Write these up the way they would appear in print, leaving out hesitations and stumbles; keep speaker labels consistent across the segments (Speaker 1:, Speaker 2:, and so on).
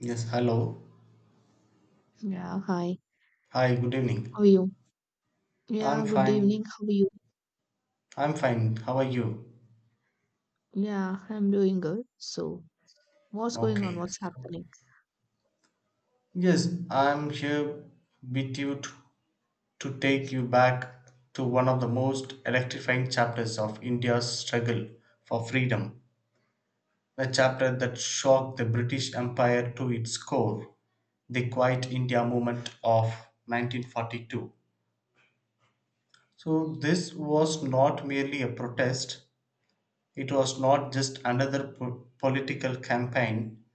Speaker 1: Yes, hello.
Speaker 2: Yeah, hi.
Speaker 1: Hi, good evening.
Speaker 2: How are you?
Speaker 1: I'm
Speaker 2: Yeah, good evening.
Speaker 1: fine.
Speaker 2: How are you?
Speaker 1: I'm fine. How are you?
Speaker 2: Yeah, I'm doing good. So, what's going on?
Speaker 1: Okay.
Speaker 2: What's happening?
Speaker 1: Yes, I'm here with you to take you back to one of the most electrifying chapters of India's struggle for freedom, a chapter that shocked the British Empire to its core, the Quiet India movement of 1942. So this was not merely a protest. It was not just another political campaign;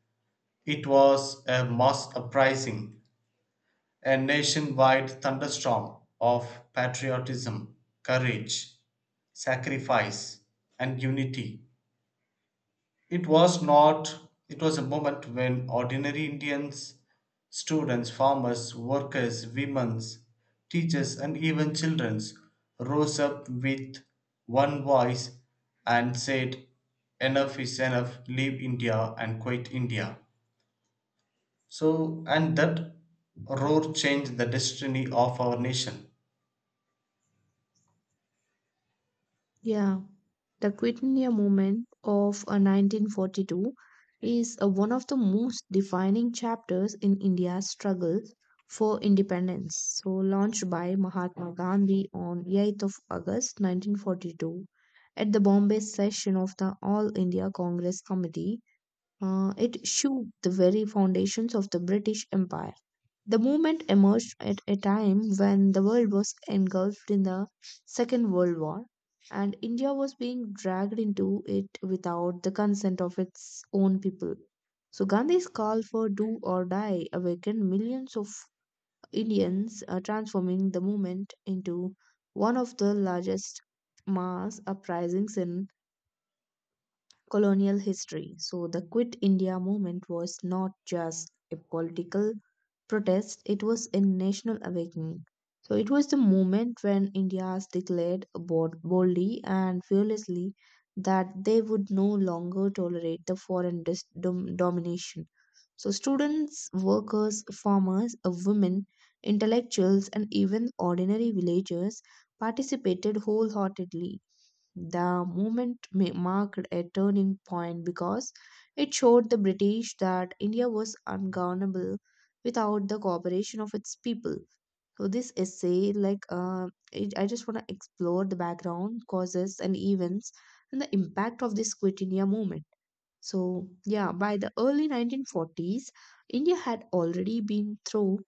Speaker 1: it was a mass uprising, a nationwide thunderstorm of patriotism, courage, sacrifice, and unity. It was not It was a moment when ordinary Indians, students, farmers, workers, women, teachers, and even children rose up with one voice and said enough is enough, leave India and quit India. And that roar changed the destiny of our nation.
Speaker 2: Yeah, the Quit India movement of 1942 is one of the most defining chapters in India's struggle for independence. So, launched by Mahatma Gandhi on 8th of August 1942 at the Bombay session of the All India Congress Committee, it shook the very foundations of the British Empire. The movement emerged at a time when the world was engulfed in the Second World War and India was being dragged into it without the consent of its own people. So Gandhi's call for do or die awakened millions of Indians, transforming the movement into one of the largest mass uprisings in colonial history. So the Quit India movement was not just a political protest, it was a national awakening. So it was the moment when Indians declared boldly and fearlessly that they would no longer tolerate the foreign domination. So students, workers, farmers, women, intellectuals, and even ordinary villagers participated wholeheartedly the movement marked a turning point because it showed the British that India was ungovernable without the cooperation of its people. So this essay, like, I just want to explore the background, causes, and events, and the impact of this Quit India movement. So yeah, by the early 1940s, India had already been through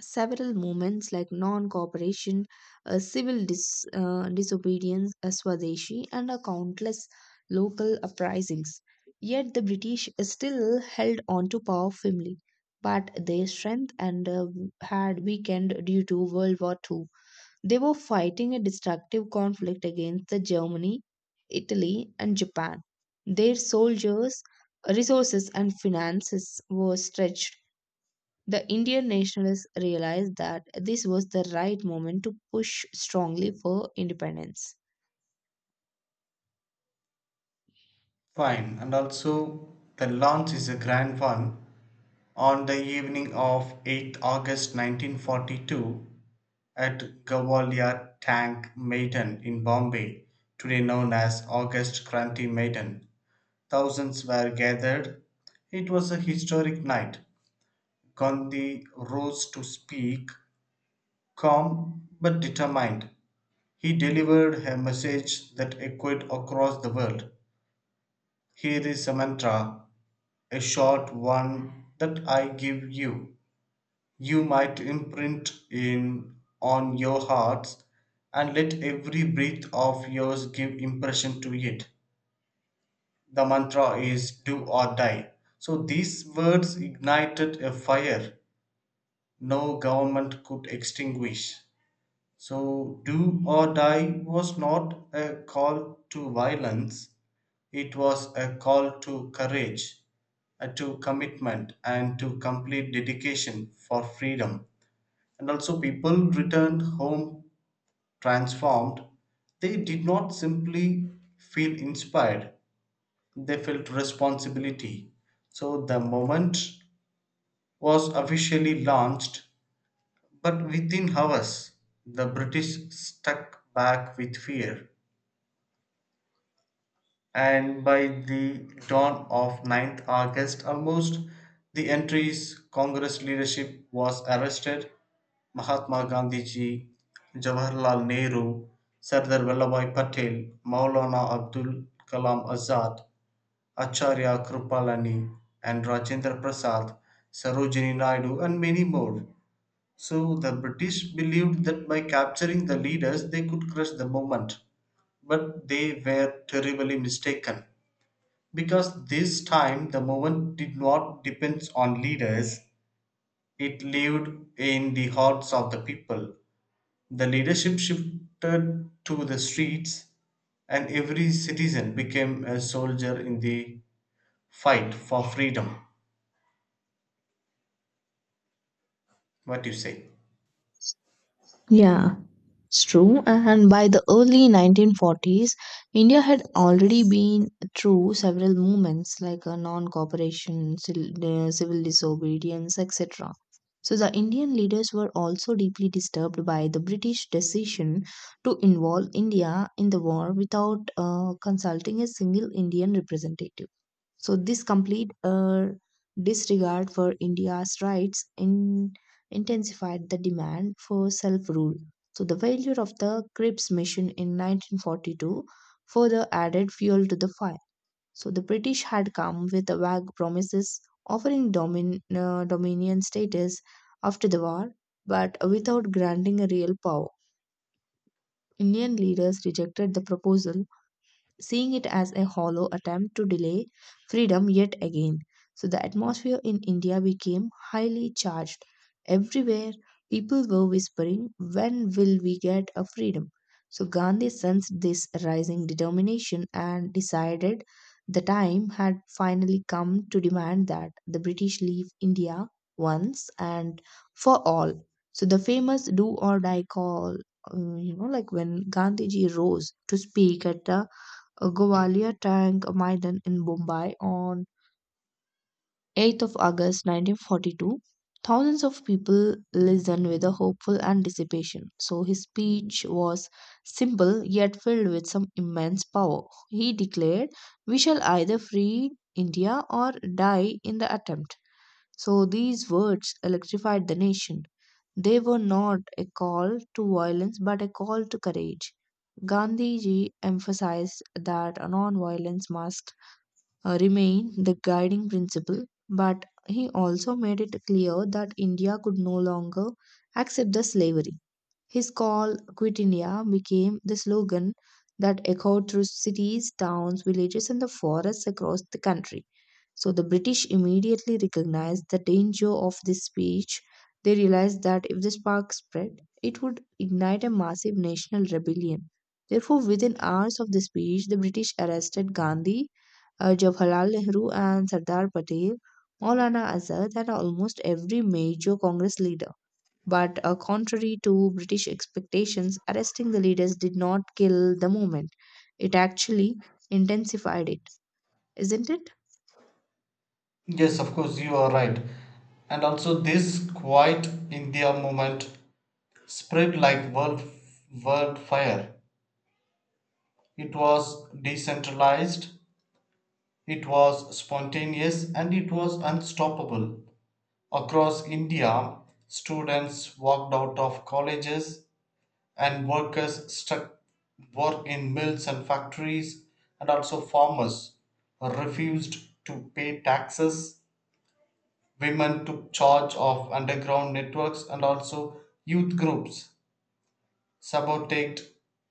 Speaker 2: several movements like non cooperation, civil disobedience, Swadeshi, and countless local uprisings. Yet the British still held on to power firmly, but their strength and had weakened due to World War Two. They were fighting a destructive conflict against the Germany, Italy, and Japan. Their soldiers, resources, and finances were stretched. The Indian nationalists realized that this was the right moment to push strongly for independence.
Speaker 1: Fine, and also the launch is a grand one. On the evening of 8th August 1942, at Gawalia Tank Maidan in Bombay (today known as August Kranti Maidan), thousands were gathered. It was a historic night. Gandhi rose to speak, calm but determined. He delivered a message that echoed across the world. Here is a mantra, a short one that I give you. You might imprint in on your hearts and let every breath of yours give impression to it. The mantra is do or die. So these words ignited a fire no government could extinguish. So do or die was not a call to violence, it was a call to courage, to commitment and to complete dedication for freedom. And also, people returned home transformed. They did not simply feel inspired, they felt responsibility. So the moment was officially launched, but within hours, the British stuck back with fear. And by the dawn of 9th August, almost the entry's Congress leadership was arrested: Mahatma Gandhiji, Jawaharlal Nehru, Sardar Vallabhbhai Patel, Maulana Abdul Kalam Azad, Acharya Kripalani, and Rajendra Prasad, Sarojini Naidu, and many more. So the British believed that by capturing the leaders they could crush the movement, but they were terribly mistaken because this time the movement did not depend on leaders, it lived in the hearts of the people. The leadership shifted to the streets, and every citizen became a soldier in the fight for freedom. What do you say?
Speaker 2: Yeah, it's true. And by the early 1940s, India had already been through several movements like non cooperation, civil disobedience, etc. So the Indian leaders were also deeply disturbed by the British decision to involve India in the war without consulting a single Indian representative. So this complete disregard for India's rights intensified the demand for self rule. So, the failure of the Cripps mission in 1942 further added fuel to the fire. So, the British had come with vague promises offering dominion status after the war, but without granting a real power. Indian leaders rejected the proposal seeing it as a hollow attempt to delay freedom yet again. So the atmosphere in India became highly charged. Everywhere, people were whispering, when will we get a freedom? So Gandhi sensed this rising determination and decided the time had finally come to demand that the British leave India once and for all. So the famous do or die call, like when Gandhiji rose to speak at the Govalia Tank Maidan in Bombay on 8th of August 1942, thousands of people listened with a hopeful anticipation. So his speech was simple yet filled with some immense power. He declared, "We shall either free India or die in the attempt." So these words electrified the nation. They were not a call to violence but a call to courage. Gandhiji emphasized that non-violence must remain the guiding principle, but he also made it clear that India could no longer accept the slavery. His call, Quit India, became the slogan that echoed through cities, towns, villages, and the forests across the country. So the British immediately recognized the danger of this speech. They realized that if the spark spread, it would ignite a massive national rebellion. Therefore, within hours of the speech, the British arrested Gandhi, Jawaharlal Nehru, and Sardar Patel, Maulana Azad, and almost every major Congress leader. But contrary to British expectations, arresting the leaders did not kill the movement. It actually intensified it, isn't it?
Speaker 1: Yes, of course, you are right. And also, this quiet India movement spread like world fire. It was decentralized, it was spontaneous, and it was unstoppable. Across India, students walked out of colleges and workers struck work in mills and factories, and also farmers refused to pay taxes, women took charge of underground networks, and also youth groups sabotaged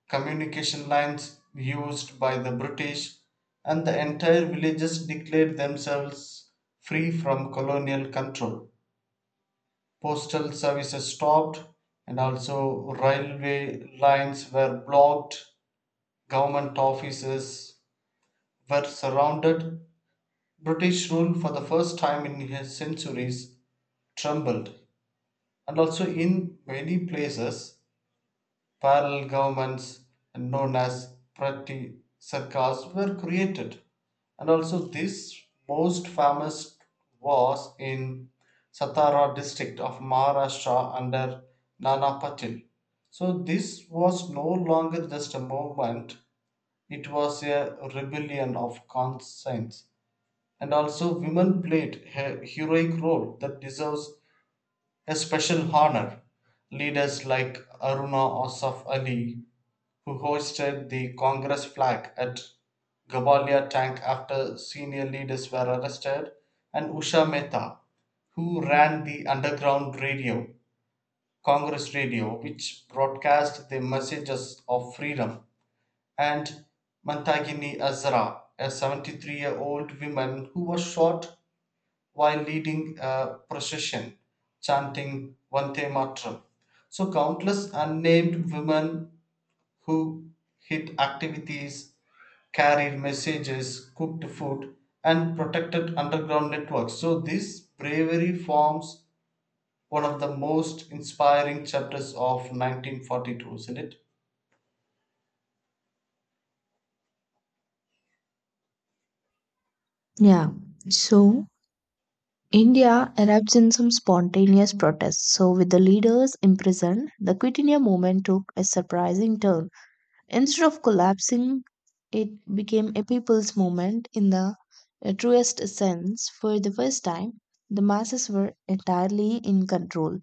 Speaker 1: communication lines used by the british, and the entire villages declared themselves free from colonial control. Postal services stopped, and also railway lines were blocked. Government offices were surrounded. British rule for the first time in his centuries trembled, and also in many places parallel governments known as Prati Sarkars were created. And also this most famous was in Satara district of Maharashtra under Nana Patil. So this was no longer just a movement, it was a rebellion of conscience. And also women played a heroic role that deserves a special honor. Leaders like Aruna Asaf Ali, who hoisted the Congress flag at Gabalia tank after senior leaders were arrested, and Usha Mehta, who ran the underground radio, Congress radio, which broadcast the messages of freedom, and Mantagini Azra, a 73-year-old woman who was shot while leading a procession chanting Vande Matram. So, countless unnamed women who hid activities, carried messages, cooked food, and protected underground networks. So this bravery forms one of the most inspiring chapters of 1942, isn't it?
Speaker 2: Yeah. So India erupts in some spontaneous protests. So with the leaders imprisoned, the Quit India movement took a surprising turn. Instead of collapsing, it became a people's movement in the truest sense. For the first time, the masses were entirely in control.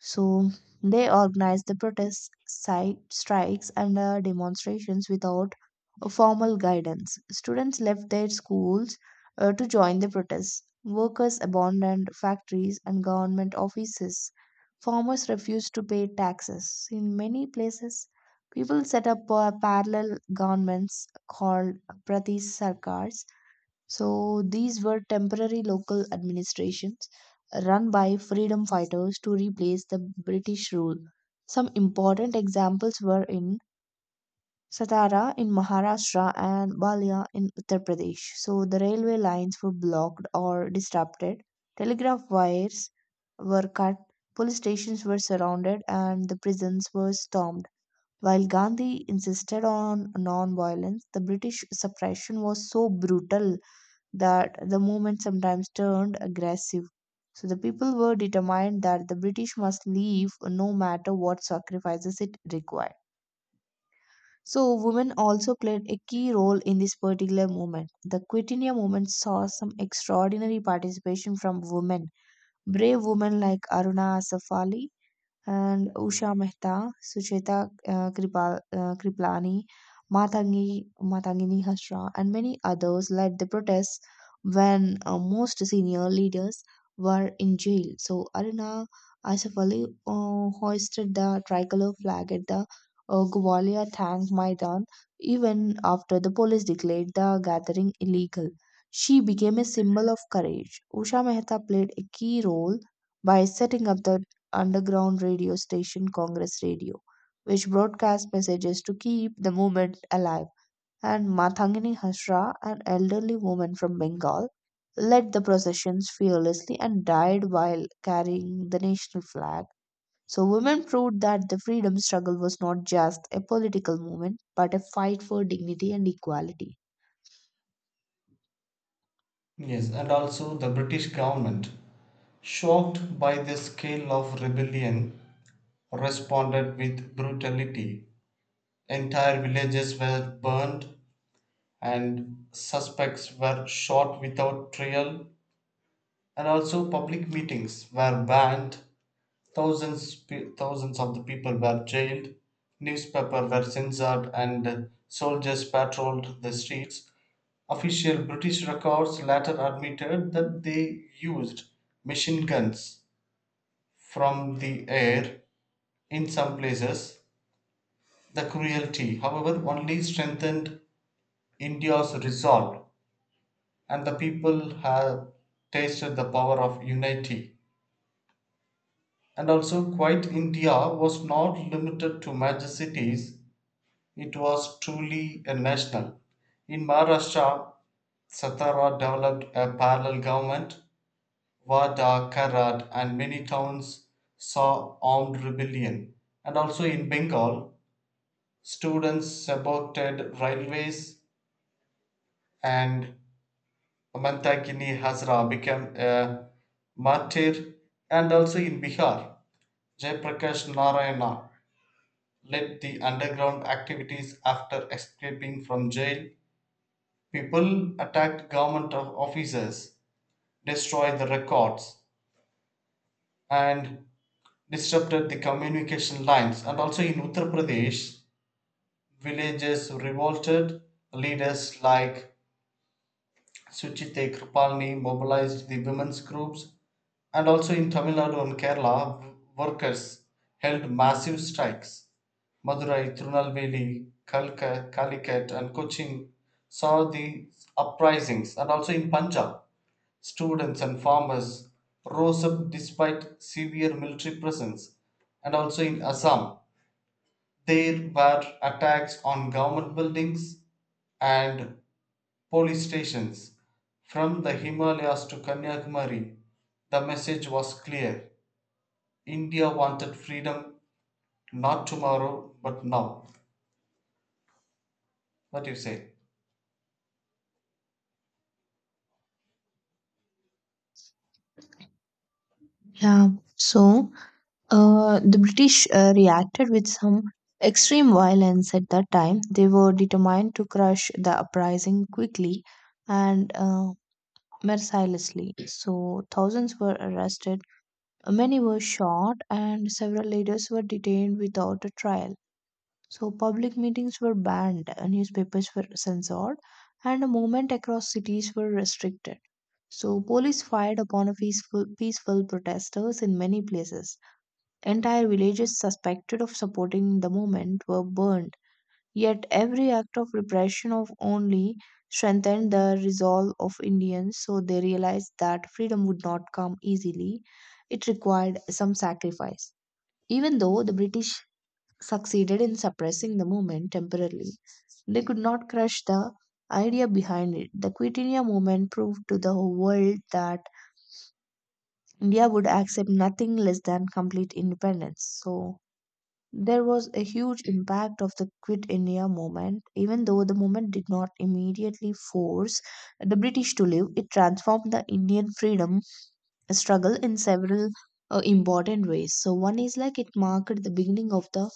Speaker 2: So they organized the protests, strikes, and demonstrations without a formal guidance. Students left their schools to join the protests. Workers abandoned factories and government offices. Farmers refused to pay taxes. In many places, people set up parallel governments called Pradesh Sarkars. So these were temporary local administrations run by freedom fighters to replace the British rule. Some important examples were in Satara in Maharashtra and Balia in Uttar Pradesh. So the railway lines were blocked or disrupted, telegraph wires were cut, police stations were surrounded, and the prisons were stormed. While Gandhi insisted on non violence, the British suppression was so brutal that the movement sometimes turned aggressive. So the people were determined that the British must leave no matter what sacrifices it required. So women also played a key role in this particular movement. The Quitinia movement saw some extraordinary participation from women. Brave women like Aruna Asaf Ali and Usha Mehta, Sucheta Kriplani, Matangini Hashra, and many others led the protests when most senior leaders were in jail. So Aruna Asaf Ali hoisted the tricolor flag at the Gwalior Tank Maidan even after the police declared the gathering illegal. She became a symbol of courage. Usha Mehta played a key role by setting up the underground radio station Congress Radio, which broadcast messages to keep the movement alive. And Mathangini Hashra, an elderly woman from Bengal, led the processions fearlessly and died while carrying the national flag. So, women proved that the freedom struggle was not just a political movement, but a fight for dignity and equality.
Speaker 1: Yes, and also the British government, shocked by the scale of rebellion, responded with brutality. Entire villages were burned, and suspects were shot without trial, and also public meetings were banned. Thousands, Thousands of the people were jailed, newspapers were censored, and soldiers patrolled the streets. Official British records later admitted that they used machine guns from the air in some places. The cruelty, however, only strengthened India's resolve, and the people have tasted the power of unity. And also, quite India was not limited to major cities, it was truly a national. In Maharashtra, Satara developed a parallel government. Wada, Karat, and many towns saw armed rebellion. And also in Bengal, students supported railways, and Mamtakini Hazra became a martyr. And also in Bihar, Jayaprakash Narayana led the underground activities after escaping from jail. People attacked government officers, destroyed the records, and disrupted the communication lines. And also in Uttar Pradesh, villages revolted, leaders like Suchite Kripalani mobilized the women's groups. And also in Tamil Nadu and Kerala, workers held massive strikes. Madurai, Trunalveli, Kalka, Calicut, and Cochin saw the uprisings. And also in Punjab, students and farmers rose up despite severe military presence. And also in Assam, there were attacks on government buildings and police stations. From the Himalayas to Kanyakumari, the message was clear: India wanted freedom, not tomorrow but now. What do you say?
Speaker 2: Yeah. So the British reacted with some extreme violence at that time. They were determined to crush the uprising quickly and mercilessly. So, thousands were arrested, many were shot, and several leaders were detained without a trial. So, public meetings were banned, newspapers were censored, and the movement across cities were restricted. So, police fired upon a peaceful protesters in many places. Entire villages suspected of supporting the movement were burned. Yet every act of repression of only strengthened the resolve of Indians, so they realized that freedom would not come easily. It required some sacrifice. Even though the British succeeded in suppressing the movement temporarily, they could not crush the idea behind it. The Quit India movement proved to the world that India would accept nothing less than complete independence. So, there was a huge impact of the Quit India movement. Even though the movement did not immediately force the British to leave, it transformed the Indian freedom struggle in several important ways. So, one is like it marked the beginning of the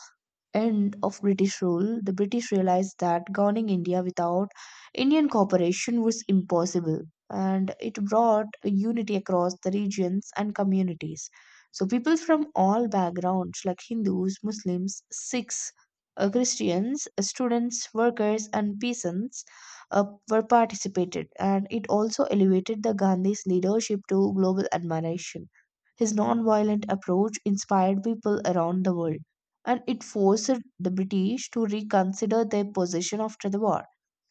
Speaker 2: end of British rule. The British realized that governing India without Indian cooperation was impossible, and it brought a unity across the regions and communities. So, people from all backgrounds, like Hindus, Muslims, Sikhs, Christians, students, workers, and peasants, uh, were participated, and it also elevated the Gandhi's leadership to global admiration. His non-violent approach inspired people around the world and it forced the British to reconsider their position after the war.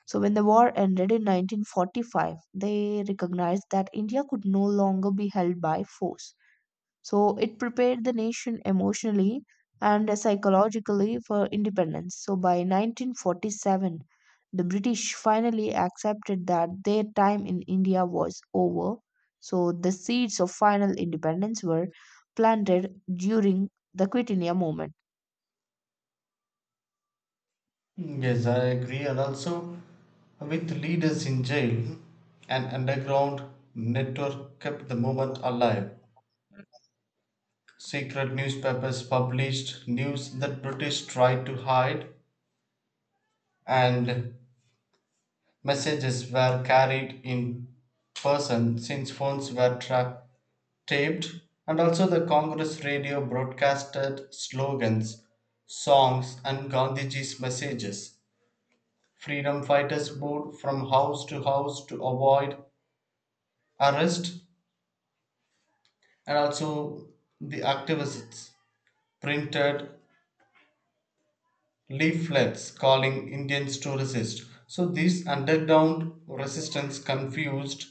Speaker 2: So, when the war ended in 1945, they recognized that India could no longer be held by force. So, it prepared the nation emotionally and psychologically for independence. So, by 1947, the British finally accepted that their time in India was over. So, the seeds of final independence were planted during the Quit India movement.
Speaker 1: Yes, I agree. And also, with leaders in jail, an underground network kept the movement alive. Secret newspapers published news that British tried to hide, and messages were carried in person since phones were tracked, taped, and also the Congress radio broadcasted slogans, songs, and Gandhiji's messages. Freedom fighters moved from house to house to avoid arrest, and also the activists printed leaflets calling Indians to resist. So this underground resistance confused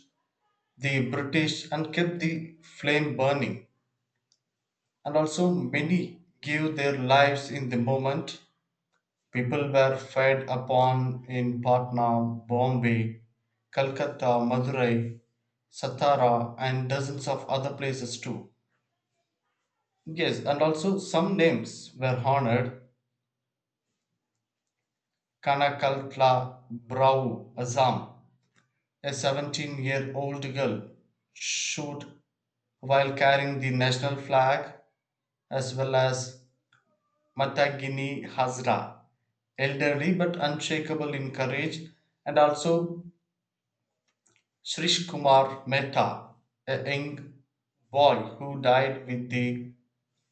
Speaker 1: the British and kept the flame burning. And also, many gave their lives in the moment. People were fed upon in Patna, Bombay, Calcutta, Madurai, Satara, and dozens of other places too. Yes, and also some names were honored: Kanakalpla Brau Azam, a 17-year-old girl, shot while carrying the national flag, as well as Matagini Hazra, elderly but unshakable in courage, and also Srishkumar Mehta, a young boy who died with the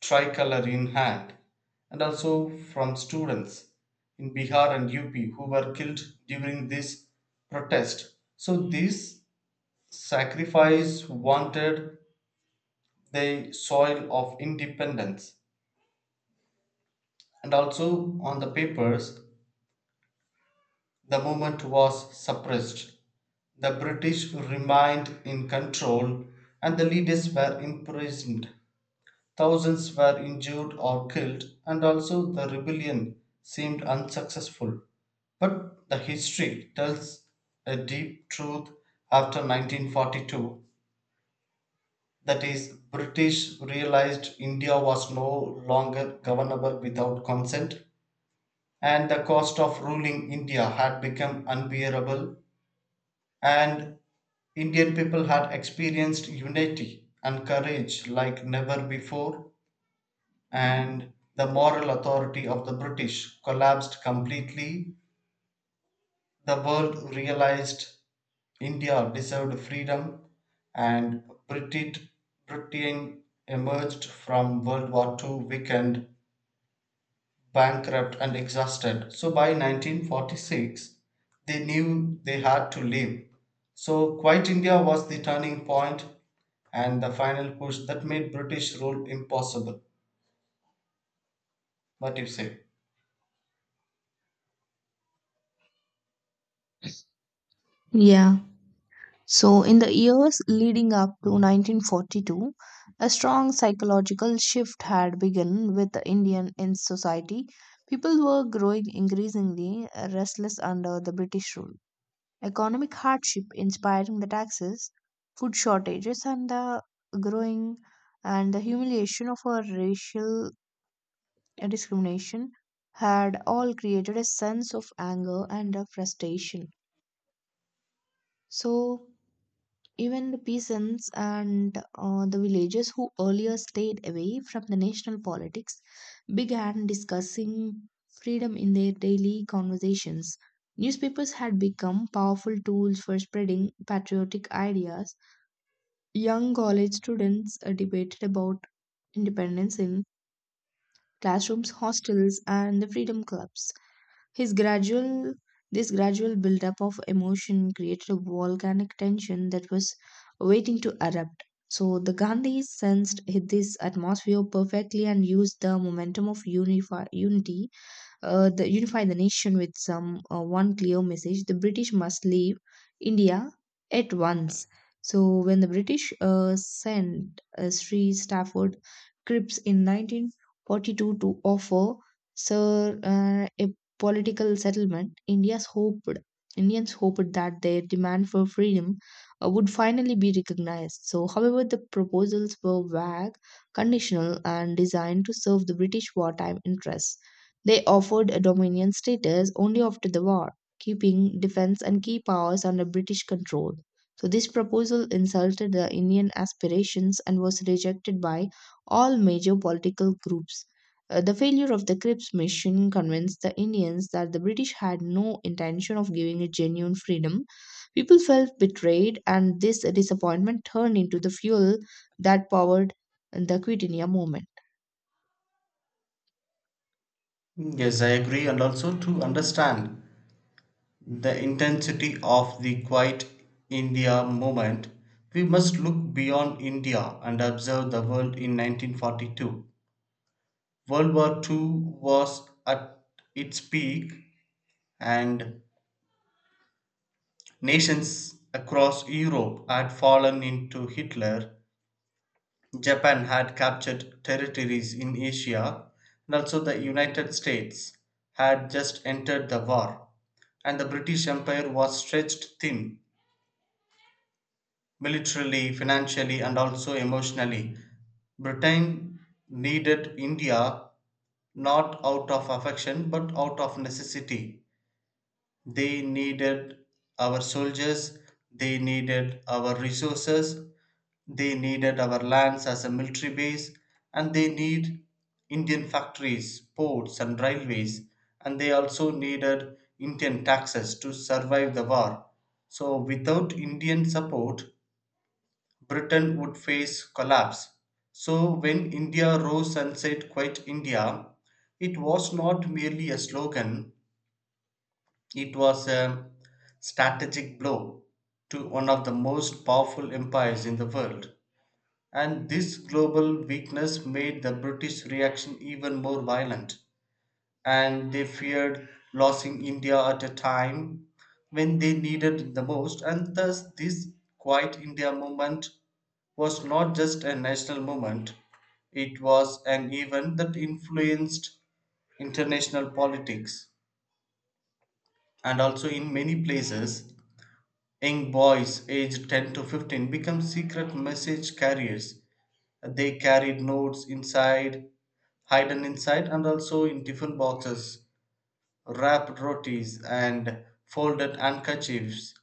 Speaker 1: tricolour in hand, and also from students in Bihar and UP who were killed during this protest. So this sacrifice wanted the soil of independence. And also on the papers, the movement was suppressed. The British remained in control, and the leaders were imprisoned. Thousands were injured or killed, and also the rebellion seemed unsuccessful. But the history tells a deep truth after 1942, that is, British realized India was no longer governable without consent, and the cost of ruling India had become unbearable, and Indian people had experienced unity and courage like never before, and the moral authority of the British collapsed completely, the world realized India deserved freedom, and Britain emerged from World War II weakened, bankrupt, and exhausted. So by 1946, they knew they had to leave. So Quit India was the turning point and the final push that made British rule impossible. What do you say?
Speaker 2: Yeah. So, in the years leading up to 1942, a strong psychological shift had begun with the Indian in society. People were growing increasingly restless under the British rule. Economic hardship inspiring the taxes, food shortages, and the growing and the humiliation of a racial discrimination had all created a sense of anger and of frustration. So, even the peasants and the villagers who earlier stayed away from the national politics began discussing freedom in their daily conversations. Newspapers had become powerful tools for spreading patriotic ideas. Young college students debated about independence in classrooms, hostels, and the freedom clubs. His gradual this gradual buildup of emotion created a volcanic tension that was waiting to erupt. So the Gandhis sensed this atmosphere perfectly and used the momentum of unity the unify the nation with some one clear message. The british must leave india at once. So when the british sent sri stafford cripps in 1942 to offer sir a political settlement, india's hoped indians hoped that their demand for freedom would finally be recognized. So however, the proposals were vague, conditional and designed to serve the British wartime interests. They offered a Dominion status only after the war, keeping defense and key powers under British control. So, this proposal insulted the Indian aspirations and was rejected by all major political groups. The failure of the Cripps mission convinced the Indians that the British had no intention of giving a genuine freedom. People felt betrayed, and this disappointment turned into the fuel that powered the Quit India movement.
Speaker 1: Yes, I agree. And also, to understand the intensity of the Quiet India movement, we must look beyond India and observe the world in 1942. World War II was at its peak, and nations across Europe had fallen into Hitler. Japan had captured territories in Asia, and also the United States had just entered the war, and the British Empire was stretched thin militarily, financially, and also emotionally. Britain needed India not out of affection but out of necessity. They needed our soldiers, they needed our resources, they needed our lands as a military base, and they need Indian factories, ports, and railways, and they also needed Indian taxes to survive the war. So, without Indian support, Britain would face collapse. So when India rose and said, Quit India, it was not merely a slogan, it was a strategic blow to one of the most powerful empires in the world. And this global weakness made the British reaction even more violent, and they feared losing India at a time when they needed it the most. And thus this Quiet India movement was not just a national movement, it was an event that influenced international politics. And also in many places young boys aged 10 to 15 become secret message carriers. They carried notes inside, hidden inside, and also in tiffin boxes, wrapped rotis, and folded handkerchiefs,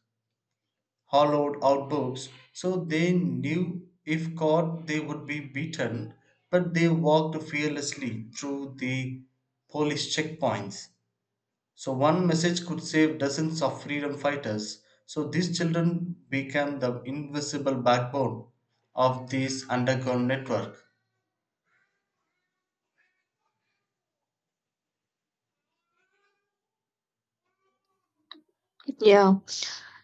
Speaker 1: hollowed out books. So they knew if caught, they would be beaten, but they walked fearlessly through the police checkpoints. So one message could save dozens of freedom fighters. So these children became the invisible backbone of this underground network.
Speaker 2: Yeah.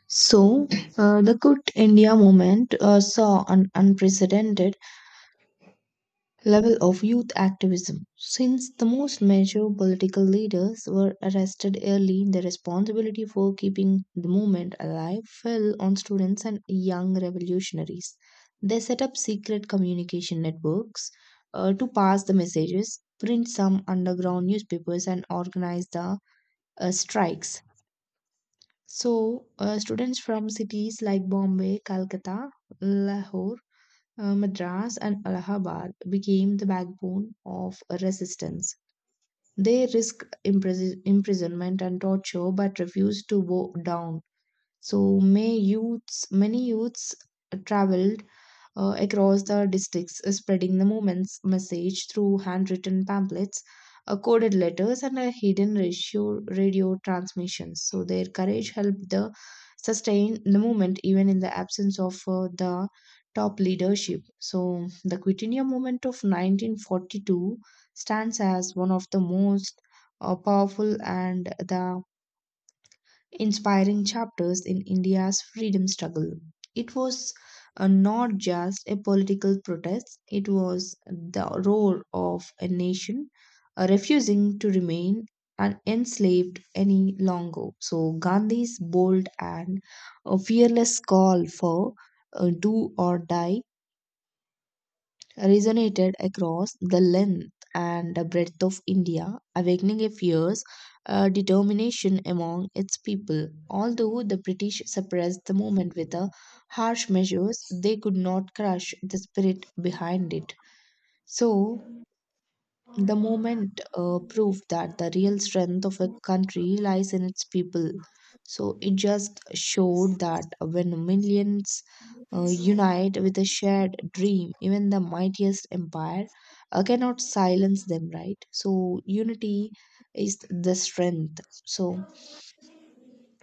Speaker 2: So the Quit India movement saw an unprecedented level of youth activism. Since the most major political leaders were arrested early, the responsibility for keeping the movement alive fell on students and young revolutionaries. They set up secret communication networks to pass the messages, print some underground newspapers, and organize the strikes. So, students from cities like Bombay, Calcutta, Lahore, Madras and Allahabad became the backbone of a resistance. They risked imprisonment and torture but refused to bow down. So many youths traveled across the districts, spreading the movement's message through handwritten pamphlets, coded letters, and a hidden radio transmissions. So their courage helped the sustain the movement even in the absence of the top leadership. So the Quit India movement of 1942 stands as one of the most powerful and the inspiring chapters in India's freedom struggle. It was not just a political protest, it was the roar of a nation refusing to remain enslaved any longer. So, Gandhi's bold and fearless call for do or die resonated across the length and breadth of India, awakening a fierce determination among its people. Although the British suppressed the movement with harsh measures, they could not crush the spirit behind it. So, the moment proved that the real strength of a country lies in its people. So it just showed that when millions unite with a shared dream, even the mightiest empire cannot silence them, right? So unity is the strength. So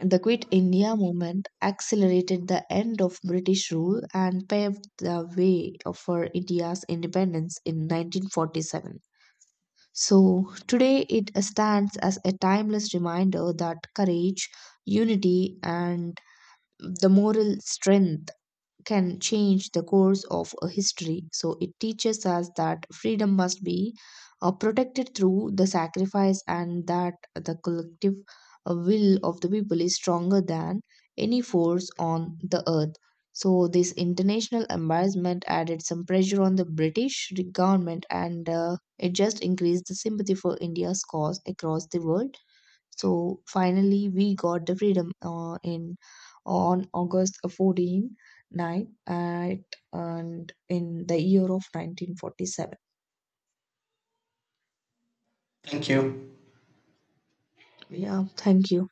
Speaker 2: the Quit India movement accelerated the end of British rule and paved the way for India's independence in 1947. So today it stands as a timeless reminder that courage, unity, and the moral strength can change the course of a history. So it teaches us that freedom must be protected through the sacrifice and that the collective will of the people is stronger than any force on the earth. So this international embarrassment added some pressure on the British government and it just increased the sympathy for India's cause across the world. So finally, we got the freedom in on August 14th night at and in the year of 1947.
Speaker 1: Thank you.
Speaker 2: Yeah, thank you.